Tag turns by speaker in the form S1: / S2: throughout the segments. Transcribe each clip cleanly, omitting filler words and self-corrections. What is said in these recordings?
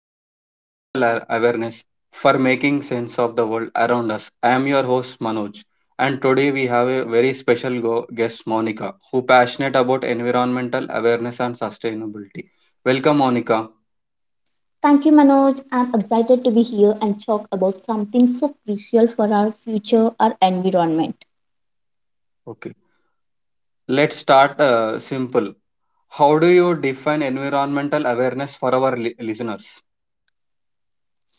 S1: of Environmental Awareness for Making Sense of the World Around Us. I am your host, Manoj, and today we have a very special guest, Monica, who passionate about environmental awareness and sustainability. Welcome, Monica.
S2: Thank you, Manoj. I'm excited to be here and talk about something so crucial for our future, our environment.
S1: Okay, let's start simple. How do you define environmental awareness for our listeners?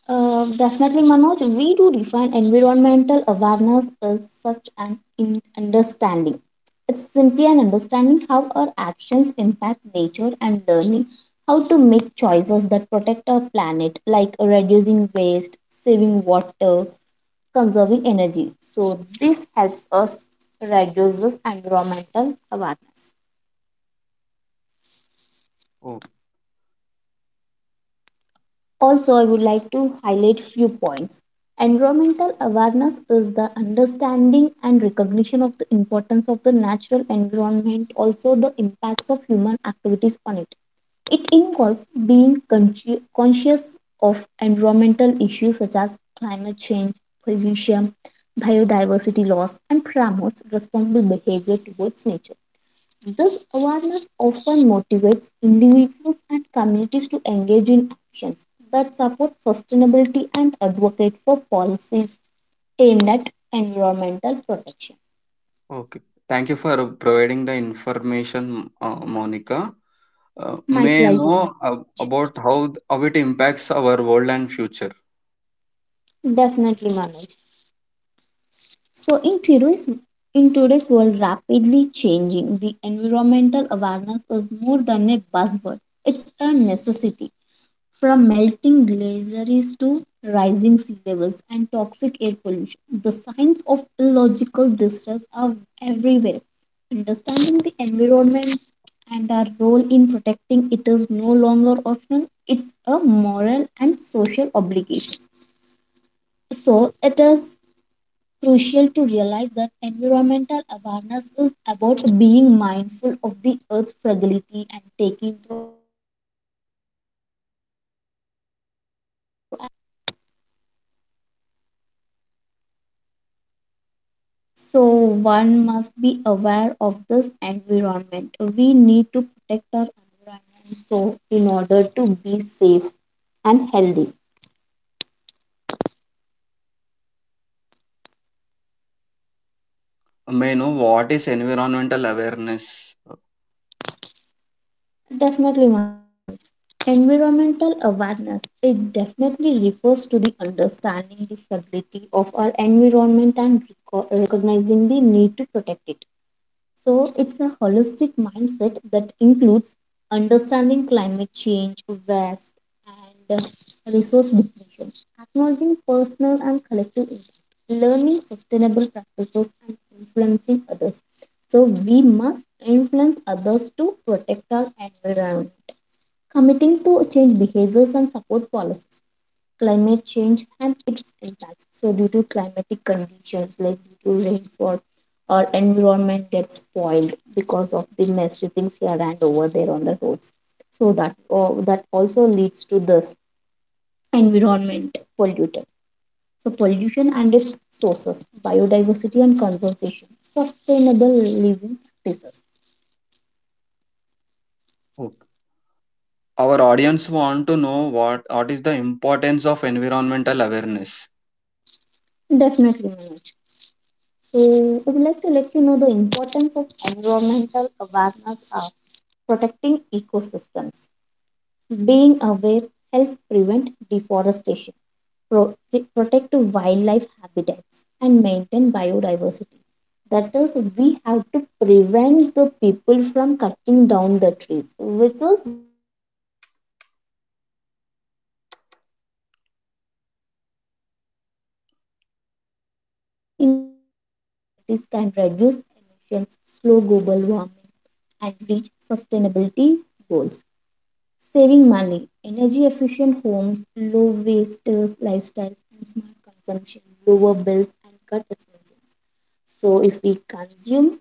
S2: Definitely, Manoj, we do define environmental awareness as such an understanding. It's simply an understanding how our actions impact nature and learning how to make choices that protect our planet, like reducing waste, saving water, conserving energy. So, this helps us reduce this environmental awareness.
S1: Oh,
S2: Also, I would like to highlight few points. Environmental awareness is the understanding and recognition of the importance of the natural environment, also the impacts of human activities on it. It involves being conscious of environmental issues such as climate change, pollution, biodiversity loss, and promotes responsible behavior towards nature. This awareness often motivates individuals and communities to engage in actions that support sustainability and advocate for policies aimed at environmental protection.
S1: okay. Thank you for providing the information, Monica.
S2: My
S1: May
S2: pleasure.
S1: know about how how it impacts our world and future.
S2: Definitely, Manoj. So, in today's world, rapidly changing, the environmental awareness is more than a buzzword; it's a necessity. From melting glaciers to rising sea levels and toxic air pollution, the signs of ecological distress are everywhere. Understanding the environment and our role in protecting it is no longer optional, it's a moral and social obligation. So, it is crucial to realize that environmental awareness is about being mindful of the earth's fragility and taking proactive steps to safeguard it for future generations. So one must be aware of this environment. We need to protect our environment so in order to be safe and healthy.
S1: May know what is environmental awareness.
S2: Definitely manage. Environmental awareness. It definitely refers to the understanding the fragility of our environment and recognizing the need to protect it. So it's a holistic mindset that includes understanding climate change, waste, and resource depletion, acknowledging personal and collective impact, learning sustainable practices, and influencing others. So we must influence others to protect our environment, committing to change behaviors and support policies climate change and its impacts. So, due to climatic conditions like due to rainfall, our environment gets spoiled because of the messy things here and over there on the roads. So that also leads to this environment pollutant. So pollution and its sources, biodiversity and conservation, sustainable living practices.
S1: Ok- our audience want to know what is the importance of environmental awareness.
S2: Definitely, Manoj. So I would like to let you know the importance of environmental awareness of protecting ecosystems. Being aware helps prevent deforestation, pro- protect wildlife habitats, and maintain biodiversity. That is, we have to prevent the people from cutting down the trees, which is deforestation. So, by this, we protect our environment. Combating climate change. And cautious individuals and communities can reduce emissions, slow global warming, and reach sustainability goals saving money, energy efficient homes, low waste lifestyles, and smart consumption, lower bills and cut expenses. So, if we consume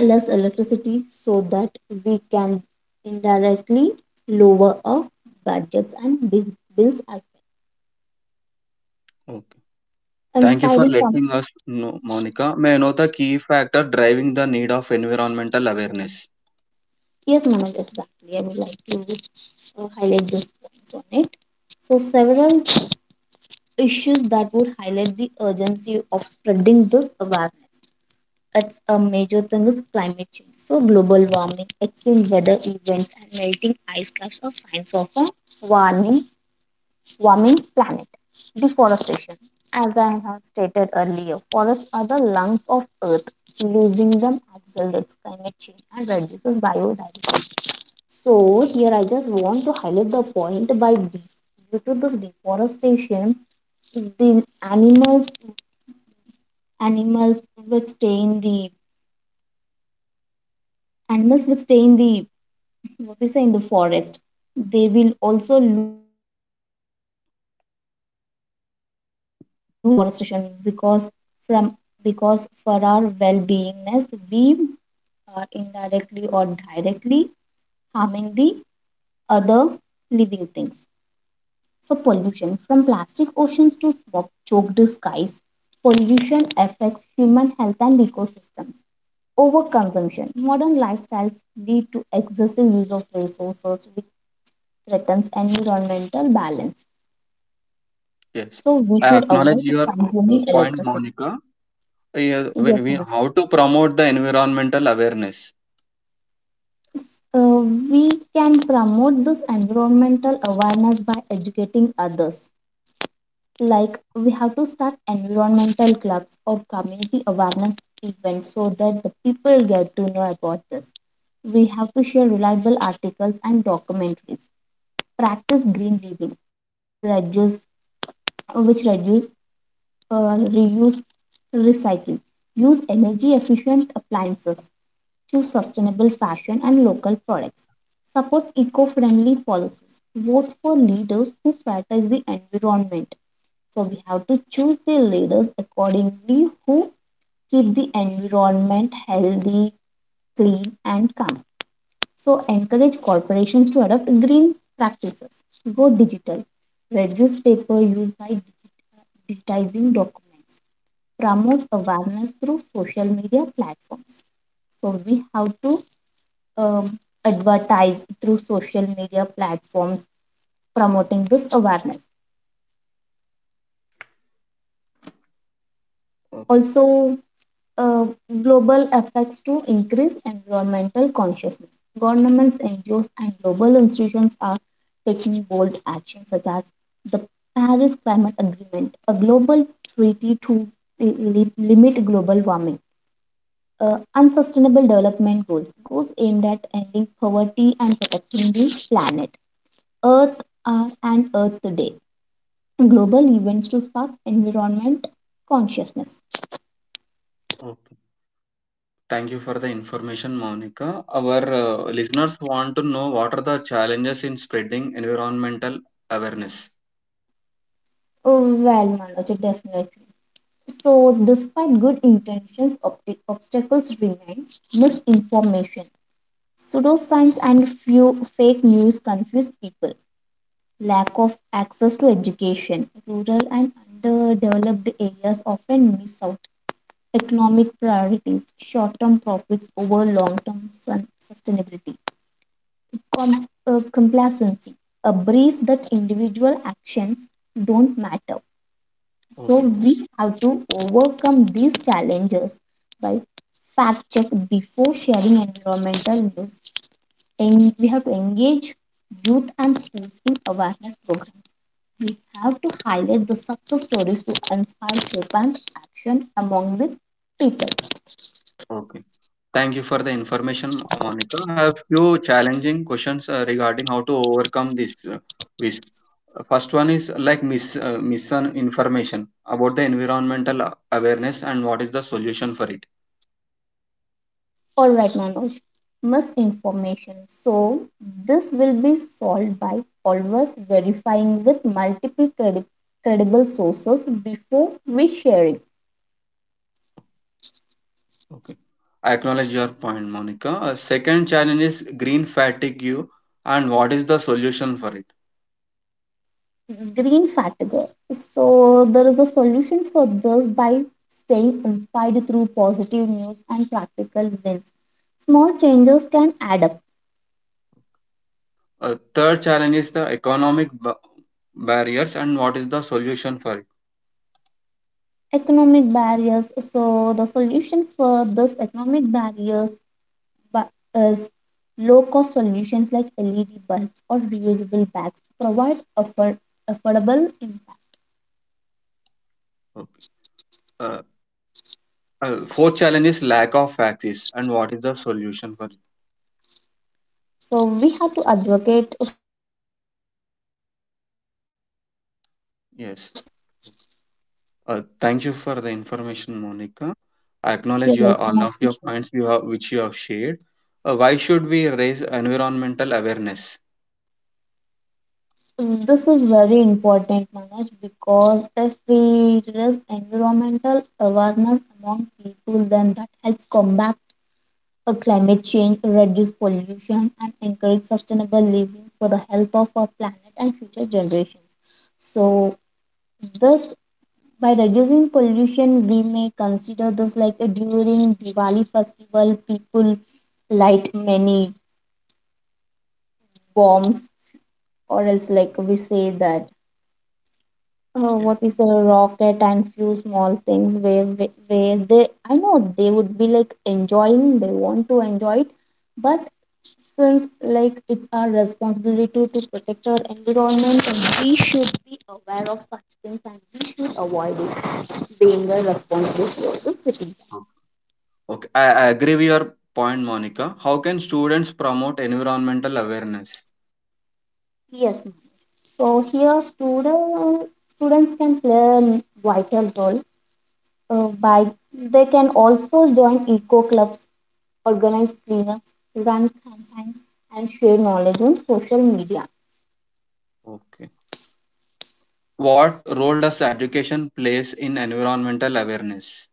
S2: less electricity so that we can indirectly lower our budgets and bills as
S1: Okay,
S2: well.
S1: thank you for
S2: Inspiring from
S1: letting us know, Monica. May I know the key factor driving the need of environmental awareness?
S2: yes, Manoj, exactly. I would like to highlight these points on it. So, several issues that would highlight the urgency of spreading this awareness. It's a major thing is climate change. So global warming, extreme weather events, and melting ice caps are signs of a warming warming planet. Deforestation. As I have stated earlier, forests are the lungs of earth. Losing them accelerates climate change and reduces biodiversity. So here I just want to highlight the point by due to this deforestation, the animals animals the animals which stay in the what we say in the forest, they will also lose their lives because of our deforestation from because for our well-beingness, we are indirectly or directly harming the other living things. So pollution from plastic oceans to smoke choked skies, pollution affects human health and ecosystems. Overconsumption, modern lifestyles lead to excessive use of resources which threatens environmental balance.
S1: Yes,
S2: So we
S1: I
S2: should
S1: acknowledge
S2: avoid
S1: your
S2: consuming
S1: point,
S2: electricity.
S1: Monica. Yeah,
S2: Yes, ma'am.
S1: how to promote the environmental awareness?
S2: Uh, we can promote this environmental awareness by educating others. Like we have to start environmental clubs or community awareness events so that the people get to know about this. We have to share reliable articles and documentaries. Practice green living. We have to reduce, reuse, recycle. Use energy efficient appliances. Choose sustainable fashion and local products. Support eco friendly policies. Vote for leaders who prioritize the environment. So we have to choose the leaders accordingly who keep the environment healthy, clean, and calm. So encourage corporations to adopt green practices. Go digital. Reduce paper use by digitizing documents. Promote awareness through social media platforms. So we have to um, advertise through social media platforms promoting this awareness.
S1: Okay.
S2: Also uh, global efforts to increase environmental consciousness. Governments, NGOs, and global institutions are taking bold action, such as the Paris Climate Agreement, a global treaty to limit global warming. Unsustainable development goals aimed at ending poverty and protecting the planet, earth hour and earth day, global events to spark environment consciousness.
S1: Ok. Thank you for the
S2: That's about it,
S1: information,
S2: Manoj.
S1: Monica. Our listeners want to know what are the challenges in spreading environmental awareness.
S2: Oh, well, Manoj, definitely. So, despite good intentions, obstacles remain. Misinformation, pseudoscience, and few fake news confuse people. Lack of access to education, rural and underdeveloped areas often miss out. Economic priorities, short-term profits over long-term sustainability. Complacency, a belief that individual actions don't matter. So
S1: Okay,
S2: we have to overcome these challenges, right? Fact check before sharing environmental news, and we have to engage youth and schools in awareness programs. We have to highlight the success stories to inspire hope and action among the people.
S1: okay. Thank you for the information, Monica. I have few challenging questions regarding how to overcome this. First one is like misinformation about the environmental awareness and what is the solution for it.
S2: All right, Manoj. Misinformation. So this will be solved by always verifying with multiple credible sources before we share it.
S1: Okay, I acknowledge your point, Monica. Second challenge is green fatigue and what is the solution for it.
S2: Green fatigue. So there is a solution for this by staying inspired through positive news and practical wins. Small changes can add up.
S1: Third challenge is the economic barriers and what is the solution for it.
S2: Economic barriers. So the solution for this economic barriers is low cost solutions like LED bulbs or reusable bags to provide affordable impact.
S1: Okay. Uh, fourth challenge is lack of access and what is the solution for it.
S2: So we have to advocate for eco education in schools and communities everywhere.
S1: Yes. Thank you for the information, Monica. I
S2: You're
S1: acknowledge your all
S2: welcome.
S1: of your points you have which you have shared. Why should we raise environmental awareness?
S2: This is very important, Manoj, because if we raise environmental awareness among people, then that helps combat climate change, reduce pollution, and encourage sustainable living for the health of our planet and future generations. So, this by reducing pollution, we may consider this like during Diwali festival, people light many bombs, or else like we say that
S1: Yeah.
S2: what we say a rocket and few small things where they, I know they would be like enjoying, they want to enjoy it, but since like it's our responsibility to protect our environment and we should be aware of such things and we should avoid it, being a responsibility of the citizens.
S1: O- Okay, I agree with your point, Monica. How can students promote environmental awareness?
S2: Yes, ma'am. So here students can play a vital role by they can also join eco clubs, organize cleanups, run campaigns, and share knowledge on social media.
S1: Okay. What role does education plays in environmental awareness?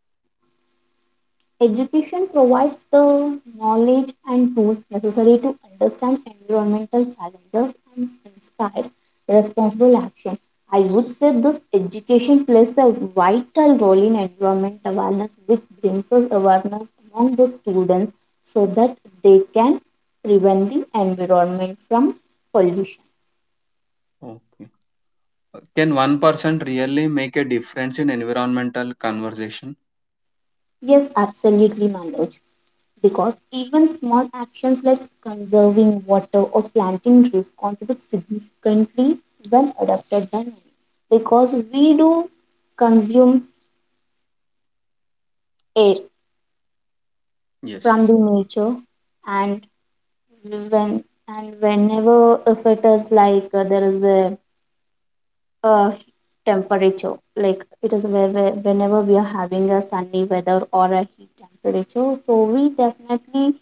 S2: Education provides the knowledge and tools necessary to understand environmental challenges and inspire responsible action. I would say this education plays a vital role in environment awareness, which brings us awareness among the students so that they can prevent the environment from pollution.
S1: Okay. Can one person really make a difference in environmental conversation?
S2: Yes, absolutely, Manoj. Because even small actions like conserving water or planting trees contribute significantly when adopted by many. Because we do consume air
S1: Yes.
S2: from the nature, and when and whenever if it is like there is a temperature, like it is where whenever we are having a sunny weather or a heat temperature, so we definitely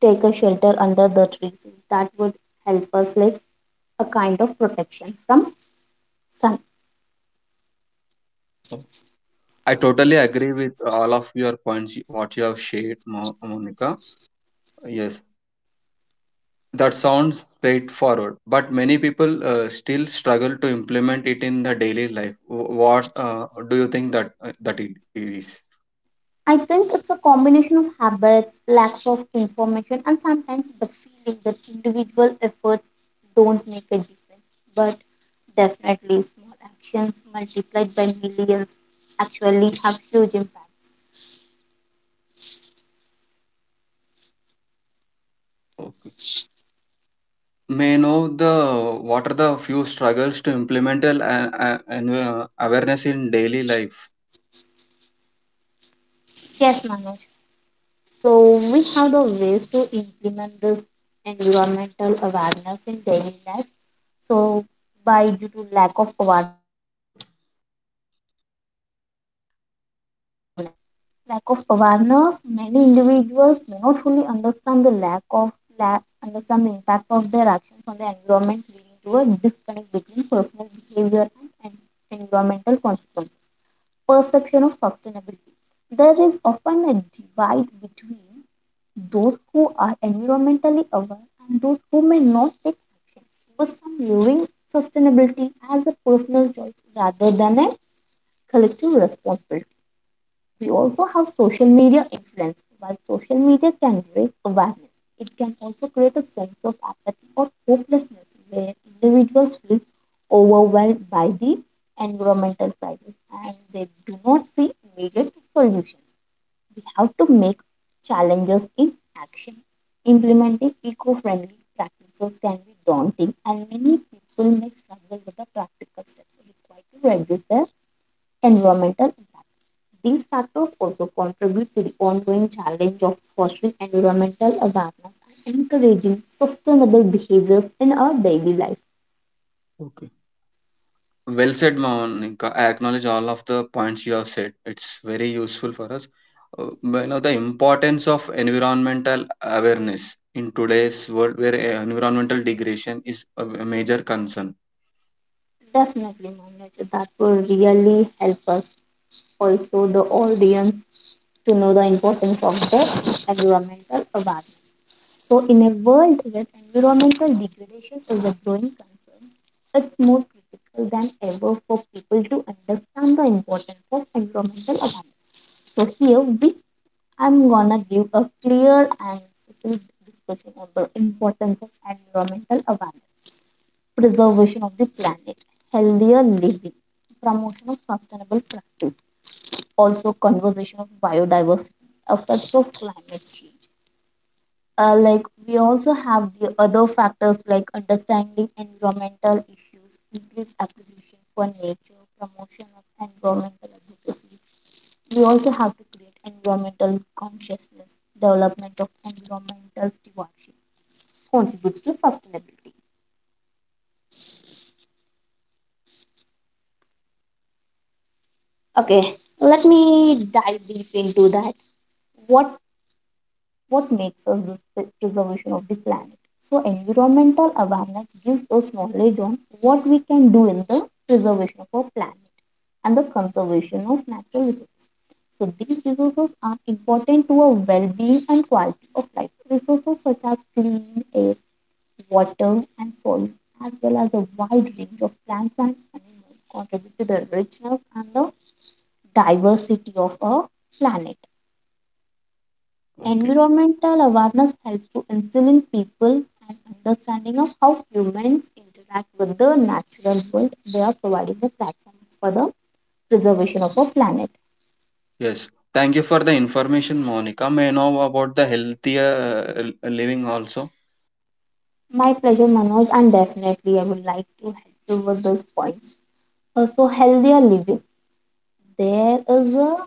S2: take a shelter under the trees that would help us like a kind of protection from sun.
S1: Oh, I totally agree with all of your points what you have shared, Monica. Yes. That sounds straightforward, but many people still struggle to implement it in the daily life. What do you think that that it is?
S2: I think it's a combination of habits, lack of information, and sometimes the feeling that individual efforts don't make a difference. But definitely, small actions multiplied by millions actually have huge impacts.
S1: Okay. May I know the what are the few struggles to implement an awareness in daily life?
S2: Yes, Manoj. So, we have the ways to implement this environmental awareness in daily life. So, by due to lack of awareness. Lack of awareness. Many individuals may not fully understand the lack of la- understand the impact of their actions on the environment, leading to a disconnect between personal behavior and environmental consequences. Perception of sustainability. There is often a divide between those who are environmentally aware and those who may not take action, with some viewing sustainability as a personal choice rather than a collective responsibility. We also have social media influence. While social media can raise awareness, it can also create a sense of apathy or hopelessness where individuals feel overwhelmed by the environmental crisis and they do not see immediate solutions. We have to make challenges in action. Implementing eco friendly practices can be daunting, and many people may struggle with the practical steps required to reduce their environmental impact. These factors also contribute to the ongoing challenge of fostering environmental awareness and encouraging sustainable behaviors in our daily life.
S1: Okay. Well said, Monica. I acknowledge all of the points you have said. It's very useful for us. You know the importance of environmental awareness in today's world, where environmental degradation is a major concern.
S2: Definitely, Manuj, that will really help us, also the audience, to know the importance of the environmental awareness. So, in a world where environmental degradation is a growing concern, it's more critical than ever for people to understand the importance of environmental awareness. So, here we I'm gonna give a clear and specific discussion on the importance of environmental awareness, preservation of the planet, healthier living, promotion of sustainable practice, also conservation of biodiversity, effects of climate change. Like we also have the other factors like understanding environmental issues, increased appreciation for nature, promotion of environmental advocacy, we also have to create environmental consciousness. Development of environmental stewardship contributes to sustainability. Okay, let me dive deep into that. What what makes us this preservation of the planet? So environmental awareness gives us knowledge on what we can do in the preservation of our planet and the conservation of natural resources. So these resources are important to our well-being and quality of life. Resources such as clean air, water, and soil, as well as a wide range of plants and animals, contribute to the richness and the diversity of our planet.
S1: Okay.
S2: Environmental awareness helps to instill in people an understanding of how humans interact with the natural world. They are providing the platform for the preservation of our planet.
S1: Yes. Thank you for the information, Monica. May I know about the healthier living also?
S2: My pleasure, Manoj, and definitely I would like to help you with those points. Also, healthier living. There is a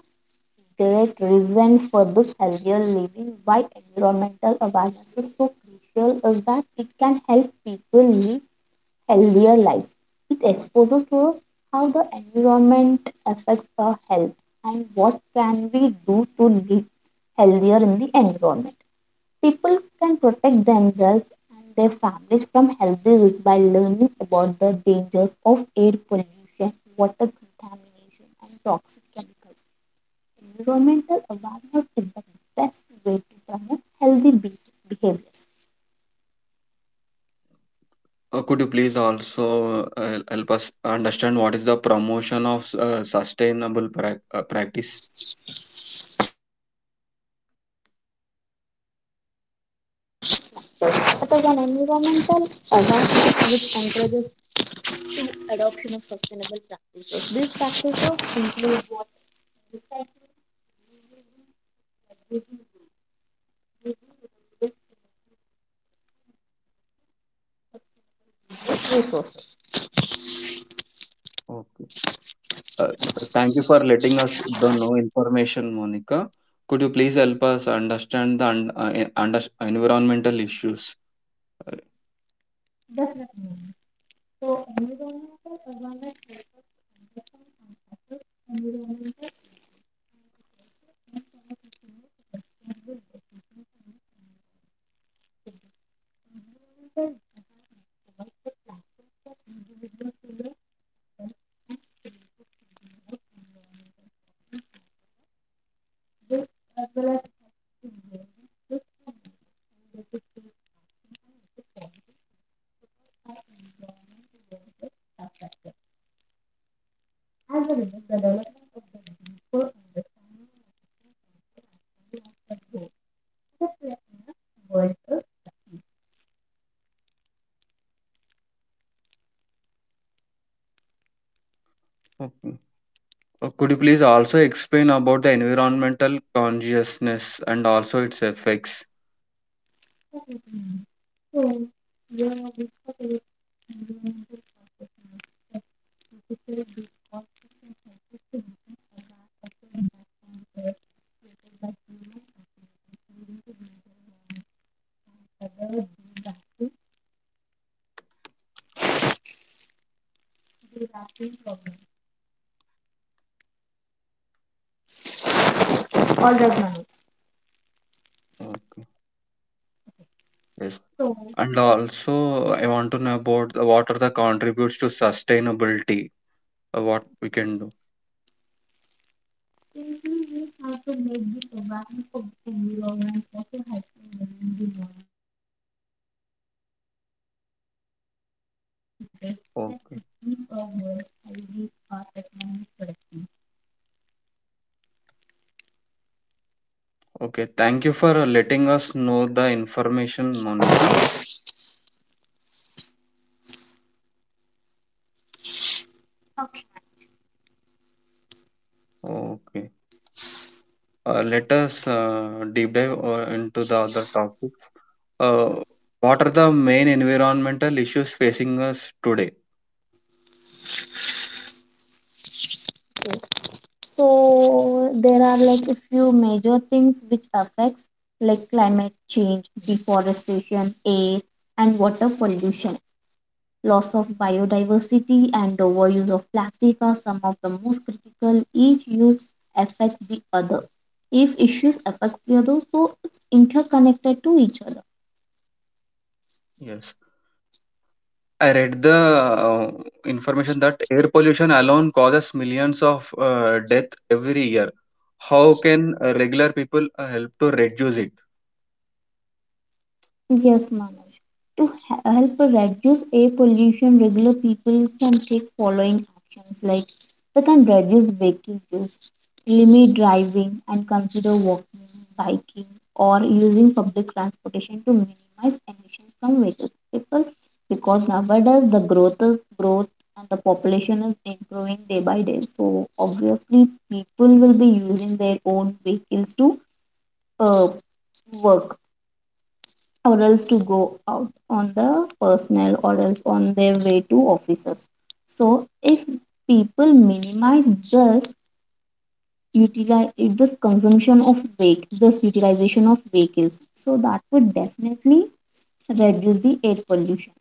S2: great reason for the healthier living why environmental awareness is so crucial is that it can help people live healthier lives. It exposes to us how the environment affects our health and what can we do to live healthier in the environment. People can protect themselves and their families from health risks by learning about the dangers of air pollution, water contamination and toxic chemicals. Environmental awareness is the best way to promote healthy behaviors.
S1: Could you please also help us understand what is the promotion of sustainable practice?
S2: Sure, Manoj. So, promoting sustainable practice. That is an environmental awareness which encourages to adoption of sustainable practices. These practices include what recycling, reducing waste,
S1: Okay. Uh, thank you for letting us the know information, Monica. Could you please help us understand the environmental issues? Uh,
S2: definitely. So, environmental awareness helps us understand and assess environmental.
S1: Okay. Could you please also explain about the environmental consciousness and also its effects?
S2: All right, Manu.
S1: Okay. Yes.
S2: So,
S1: And also, I want to know about the what are the contributes to sustainability. Uh, what we can do.
S2: simply we have to make the survival of environment also helpful learning the knowledge and creating that we solve complex environmental problems and best set
S1: Okay.
S2: to keep our world healthy or economic productive.
S1: Okay. Thank you for letting us know the information, Monica.
S2: Okay.
S1: Okay. Let us deep dive into the other topics. Uh, what are the main environmental issues facing us today?
S2: So there are like a few major things which affects like climate change, deforestation, air and water pollution. Loss of biodiversity and overuse of plastic are some of the most critical. Each use affects the other. If issues affects the other, so it's interconnected to each other.
S1: Yes. I read the information that air pollution alone causes millions of deaths every year. How can regular people help to reduce it?
S2: Yes, Manoj. To help reduce air pollution, regular people can take following actions like they can reduce vehicle use, limit driving, and consider walking, biking, or using public transportation to minimize emissions from vehicles. People, because nowadays the growth is growth and the population is improving day by day, so obviously people will be using their own vehicles to uh, work or else to go out on the personnel or else on their way to offices. So if people minimize this utilize this consumption of wake, this utilization of vehicles, so that would definitely reduce the air pollution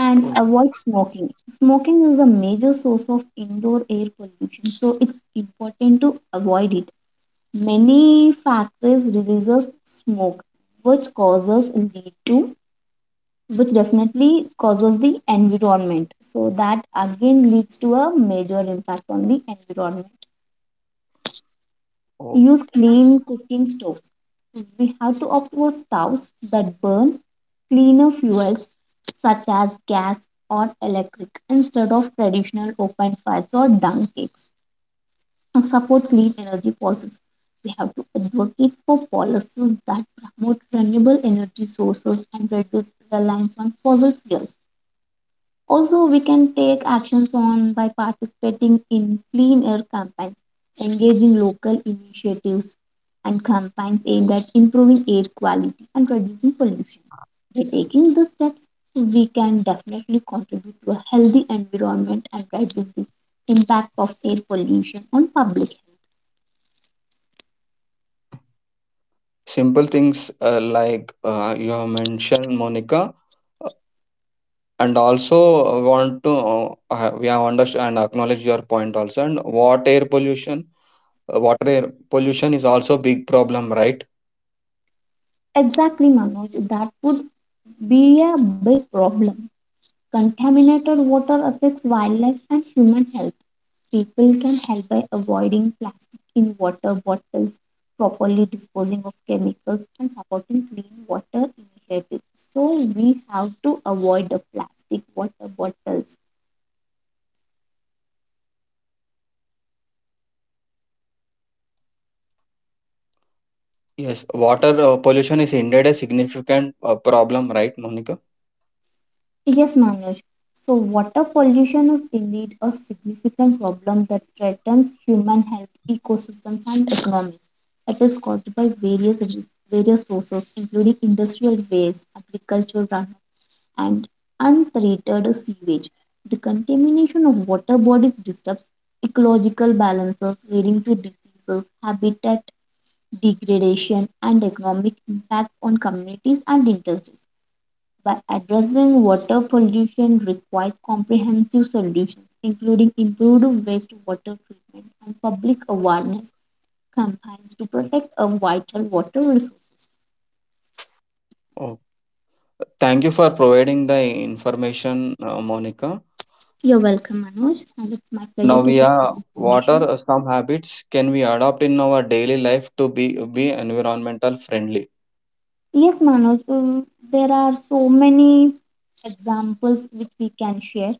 S2: and
S1: Oh,
S2: avoid smoking. Smoking is a major source of indoor air pollution, so it's important to avoid it. Many factories releases smoke, which causes lead to which definitely causes the environment. So that again leads to a major impact on the environment.
S1: oh.
S2: Use clean cooking stoves. We have to opt for stoves that burn cleaner fuels such as gas or electric instead of traditional open fires or dung cakes. And support clean energy policies. We have to advocate for policies that promote renewable energy sources and reduce reliance on fossil fuels. Also, we can take actions on by participating in clean air campaigns, engaging local initiatives and campaigns aimed at improving air quality and reducing pollution. By taking these steps, we can definitely contribute to a healthy environment and reduce the impact of air pollution on public health.
S1: Simple things like you have mentioned, Monica. And also want to we have understand and acknowledge your point also. And what air pollution water air pollution is also big problem, right?
S2: Exactly, Manoj, that would be a big problem. Contaminated water affects wildlife and human health. People can help by avoiding plastic in water bottles, properly disposing of chemicals, and supporting clean water initiatives. So we have to avoid the plastic water bottles.
S1: Yes, water pollution is indeed a significant problem, right, Monica?
S2: Yes, Manoj. So water pollution is indeed a significant problem that threatens human health, ecosystems, and economies. It is caused by various sources, including industrial waste, agriculture runoff and untreated sewage. The contamination of water bodies disturbs ecological balances, leading to diseases, habitat degradation, and economic impact on communities and industries. By addressing water pollution requires comprehensive solutions, including improved wastewater treatment and public awareness campaigns to protect our vital water resources.
S1: Oh, thank you for providing the information, Monica.
S2: You're welcome, Manoj, and it's my pleasure
S1: Now
S2: to
S1: we
S2: share the
S1: are what are
S2: information.
S1: some habits can we adopt in our daily life to be environmental friendly?
S2: Yes, Manoj, there are so many examples which we can share.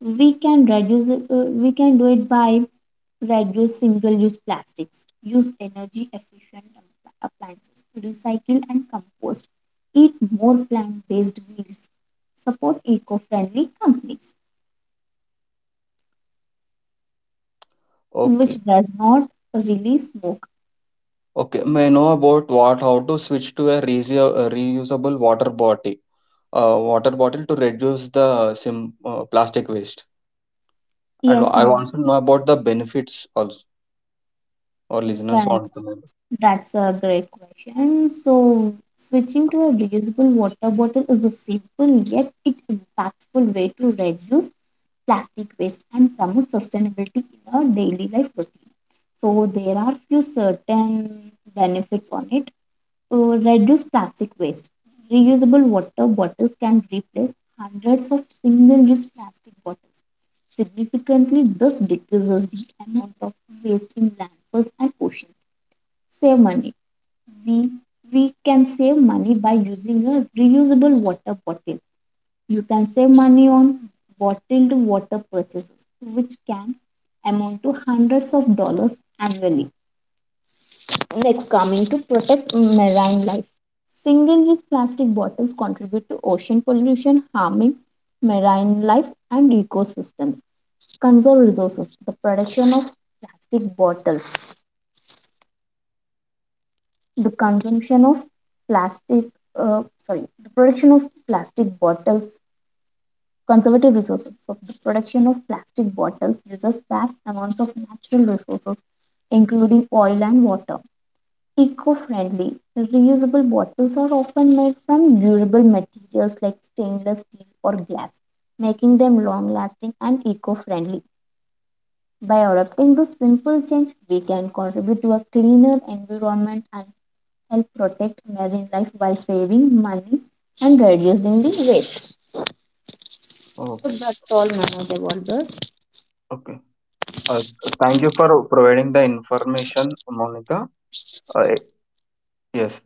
S2: We can reduce it, we can do it by reduce single use plastics, use energy efficient appliances, recycle and compost, eat more plant based meals, support eco friendly companies which
S1: Okay,
S2: does not release smoke.
S1: okay. May I know about what how to switch to a reusable water bottle to reduce the sim plastic waste. And
S2: Yes,
S1: I
S2: Manoj,
S1: want to know about the benefits also. Our listeners
S2: well,
S1: want to know.
S2: that's a great question. So, switching to a reusable water bottle is a simple yet it impactful way to reduce plastic waste and promote sustainability in our daily life routine. So, there are few certain benefits on it. Uh, Reduce plastic waste. Reusable water bottles can replace hundreds of single-use plastic bottles. Significantly, this decreases the amount of waste in landfills and oceans. Save money. We we can save money by using a reusable water bottle. You can save money on bottled water purchases which can amount to hundreds of dollars annually. Next coming to protect marine life, single use plastic bottles contribute to ocean pollution harming marine life and ecosystems. Conserve resources, the production of plastic bottles, the consumption of plastic, sorry, the production of plastic bottles, conservative resources. So, the production of plastic bottles uses vast amounts of natural resources, including oil and water. Eco friendly, the reusable bottles are often made from durable materials like stainless steel or glass, making them long lasting and eco friendly. By adopting this simple change, we can contribute to a cleaner environment and help protect marine life while saving money and reducing the waste.
S1: Oh,
S2: So that's all, Manoj, about this.
S1: okay. Uh, thank you for providing the information, Monica. Eh, yes.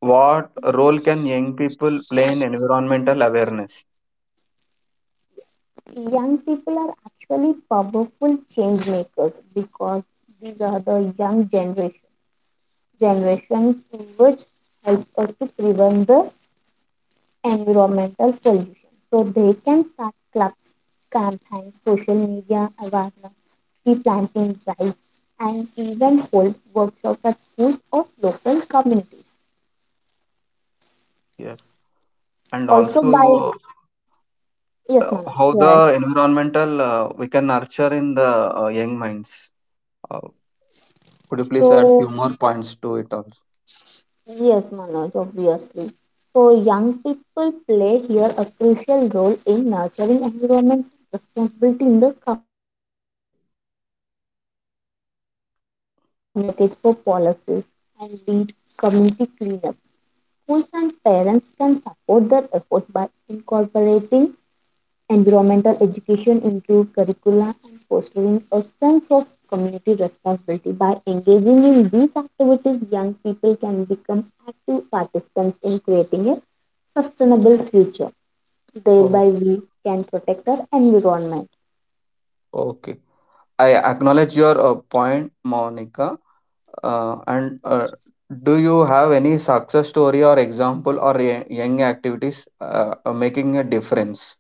S1: What role can young people play in environmental awareness?
S2: Young people are actually powerful change makers because these are the generations which help us to prevent the environmental pollution. So they can start clubs, campaigns, social media awareness, tree planting drives, and even hold workshops at schools or local communities.
S1: Yes. And
S2: Also, by
S1: also,
S2: Yes,
S1: uh,
S2: Manoj,
S1: how
S2: go
S1: the
S2: ahead.
S1: environmental we can nurture in the young minds. Uh, could you please add
S2: So,
S1: few more points to it also?
S2: yes, Manoj, obviously. So, young people play here a crucial role in nurturing environmental responsibility in the communities. They can influence public opinion, advocate for policies, and lead community cleanups. Schools and parents can support their efforts by incorporating environmental education into curricula and fostering a sense of community responsibility. By engaging in these activities, young people can become active participants in creating a sustainable future.
S1: Oh,
S2: Thereby, we can protect our environment.
S1: okay. I acknowledge your point, Monica. And do you have any success story or example or young activities making a difference?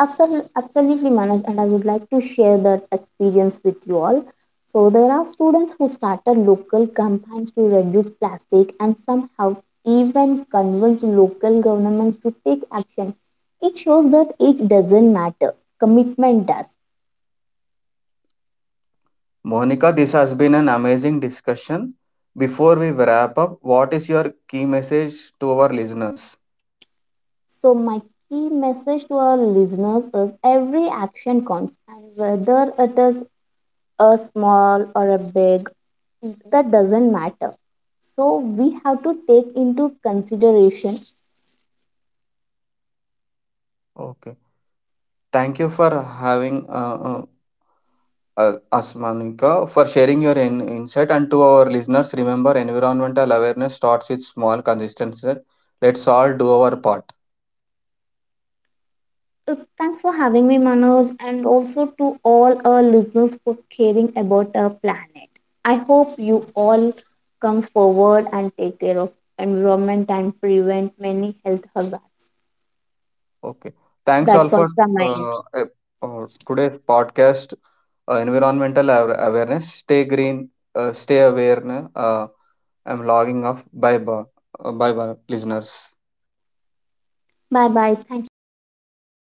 S2: Absolutely, Manoj, and I would like to share that experience with you all. So there are students who started local campaigns to reduce plastic and somehow even convinced local governments to take action. It shows that it doesn't matter, commitment does.
S1: Monica, this has been an amazing discussion. Before we wrap up, what is your key message to our listeners?
S2: So my key message to our listeners is every action counts and whether it is a small or a big that doesn't matter, so we have to take into consideration.
S1: Okay. Thank you for having us, Monica, for sharing your insight. And to our listeners, remember environmental awareness starts with small, consistency. Let's all do our part.
S2: Uh, Thanks for having me, Manoj, and also to all our listeners for caring about our planet. I hope you all come forward and take care of environment and prevent many health hazards.
S1: Okay. Thanks all
S2: That's all
S1: for
S2: from my end.
S1: uh, uh, today's podcast, environmental awareness. Stay green, stay aware. Na. I'm logging off. Bye bye. Bye bye, listeners.
S2: Bye bye, thank you, Manoj.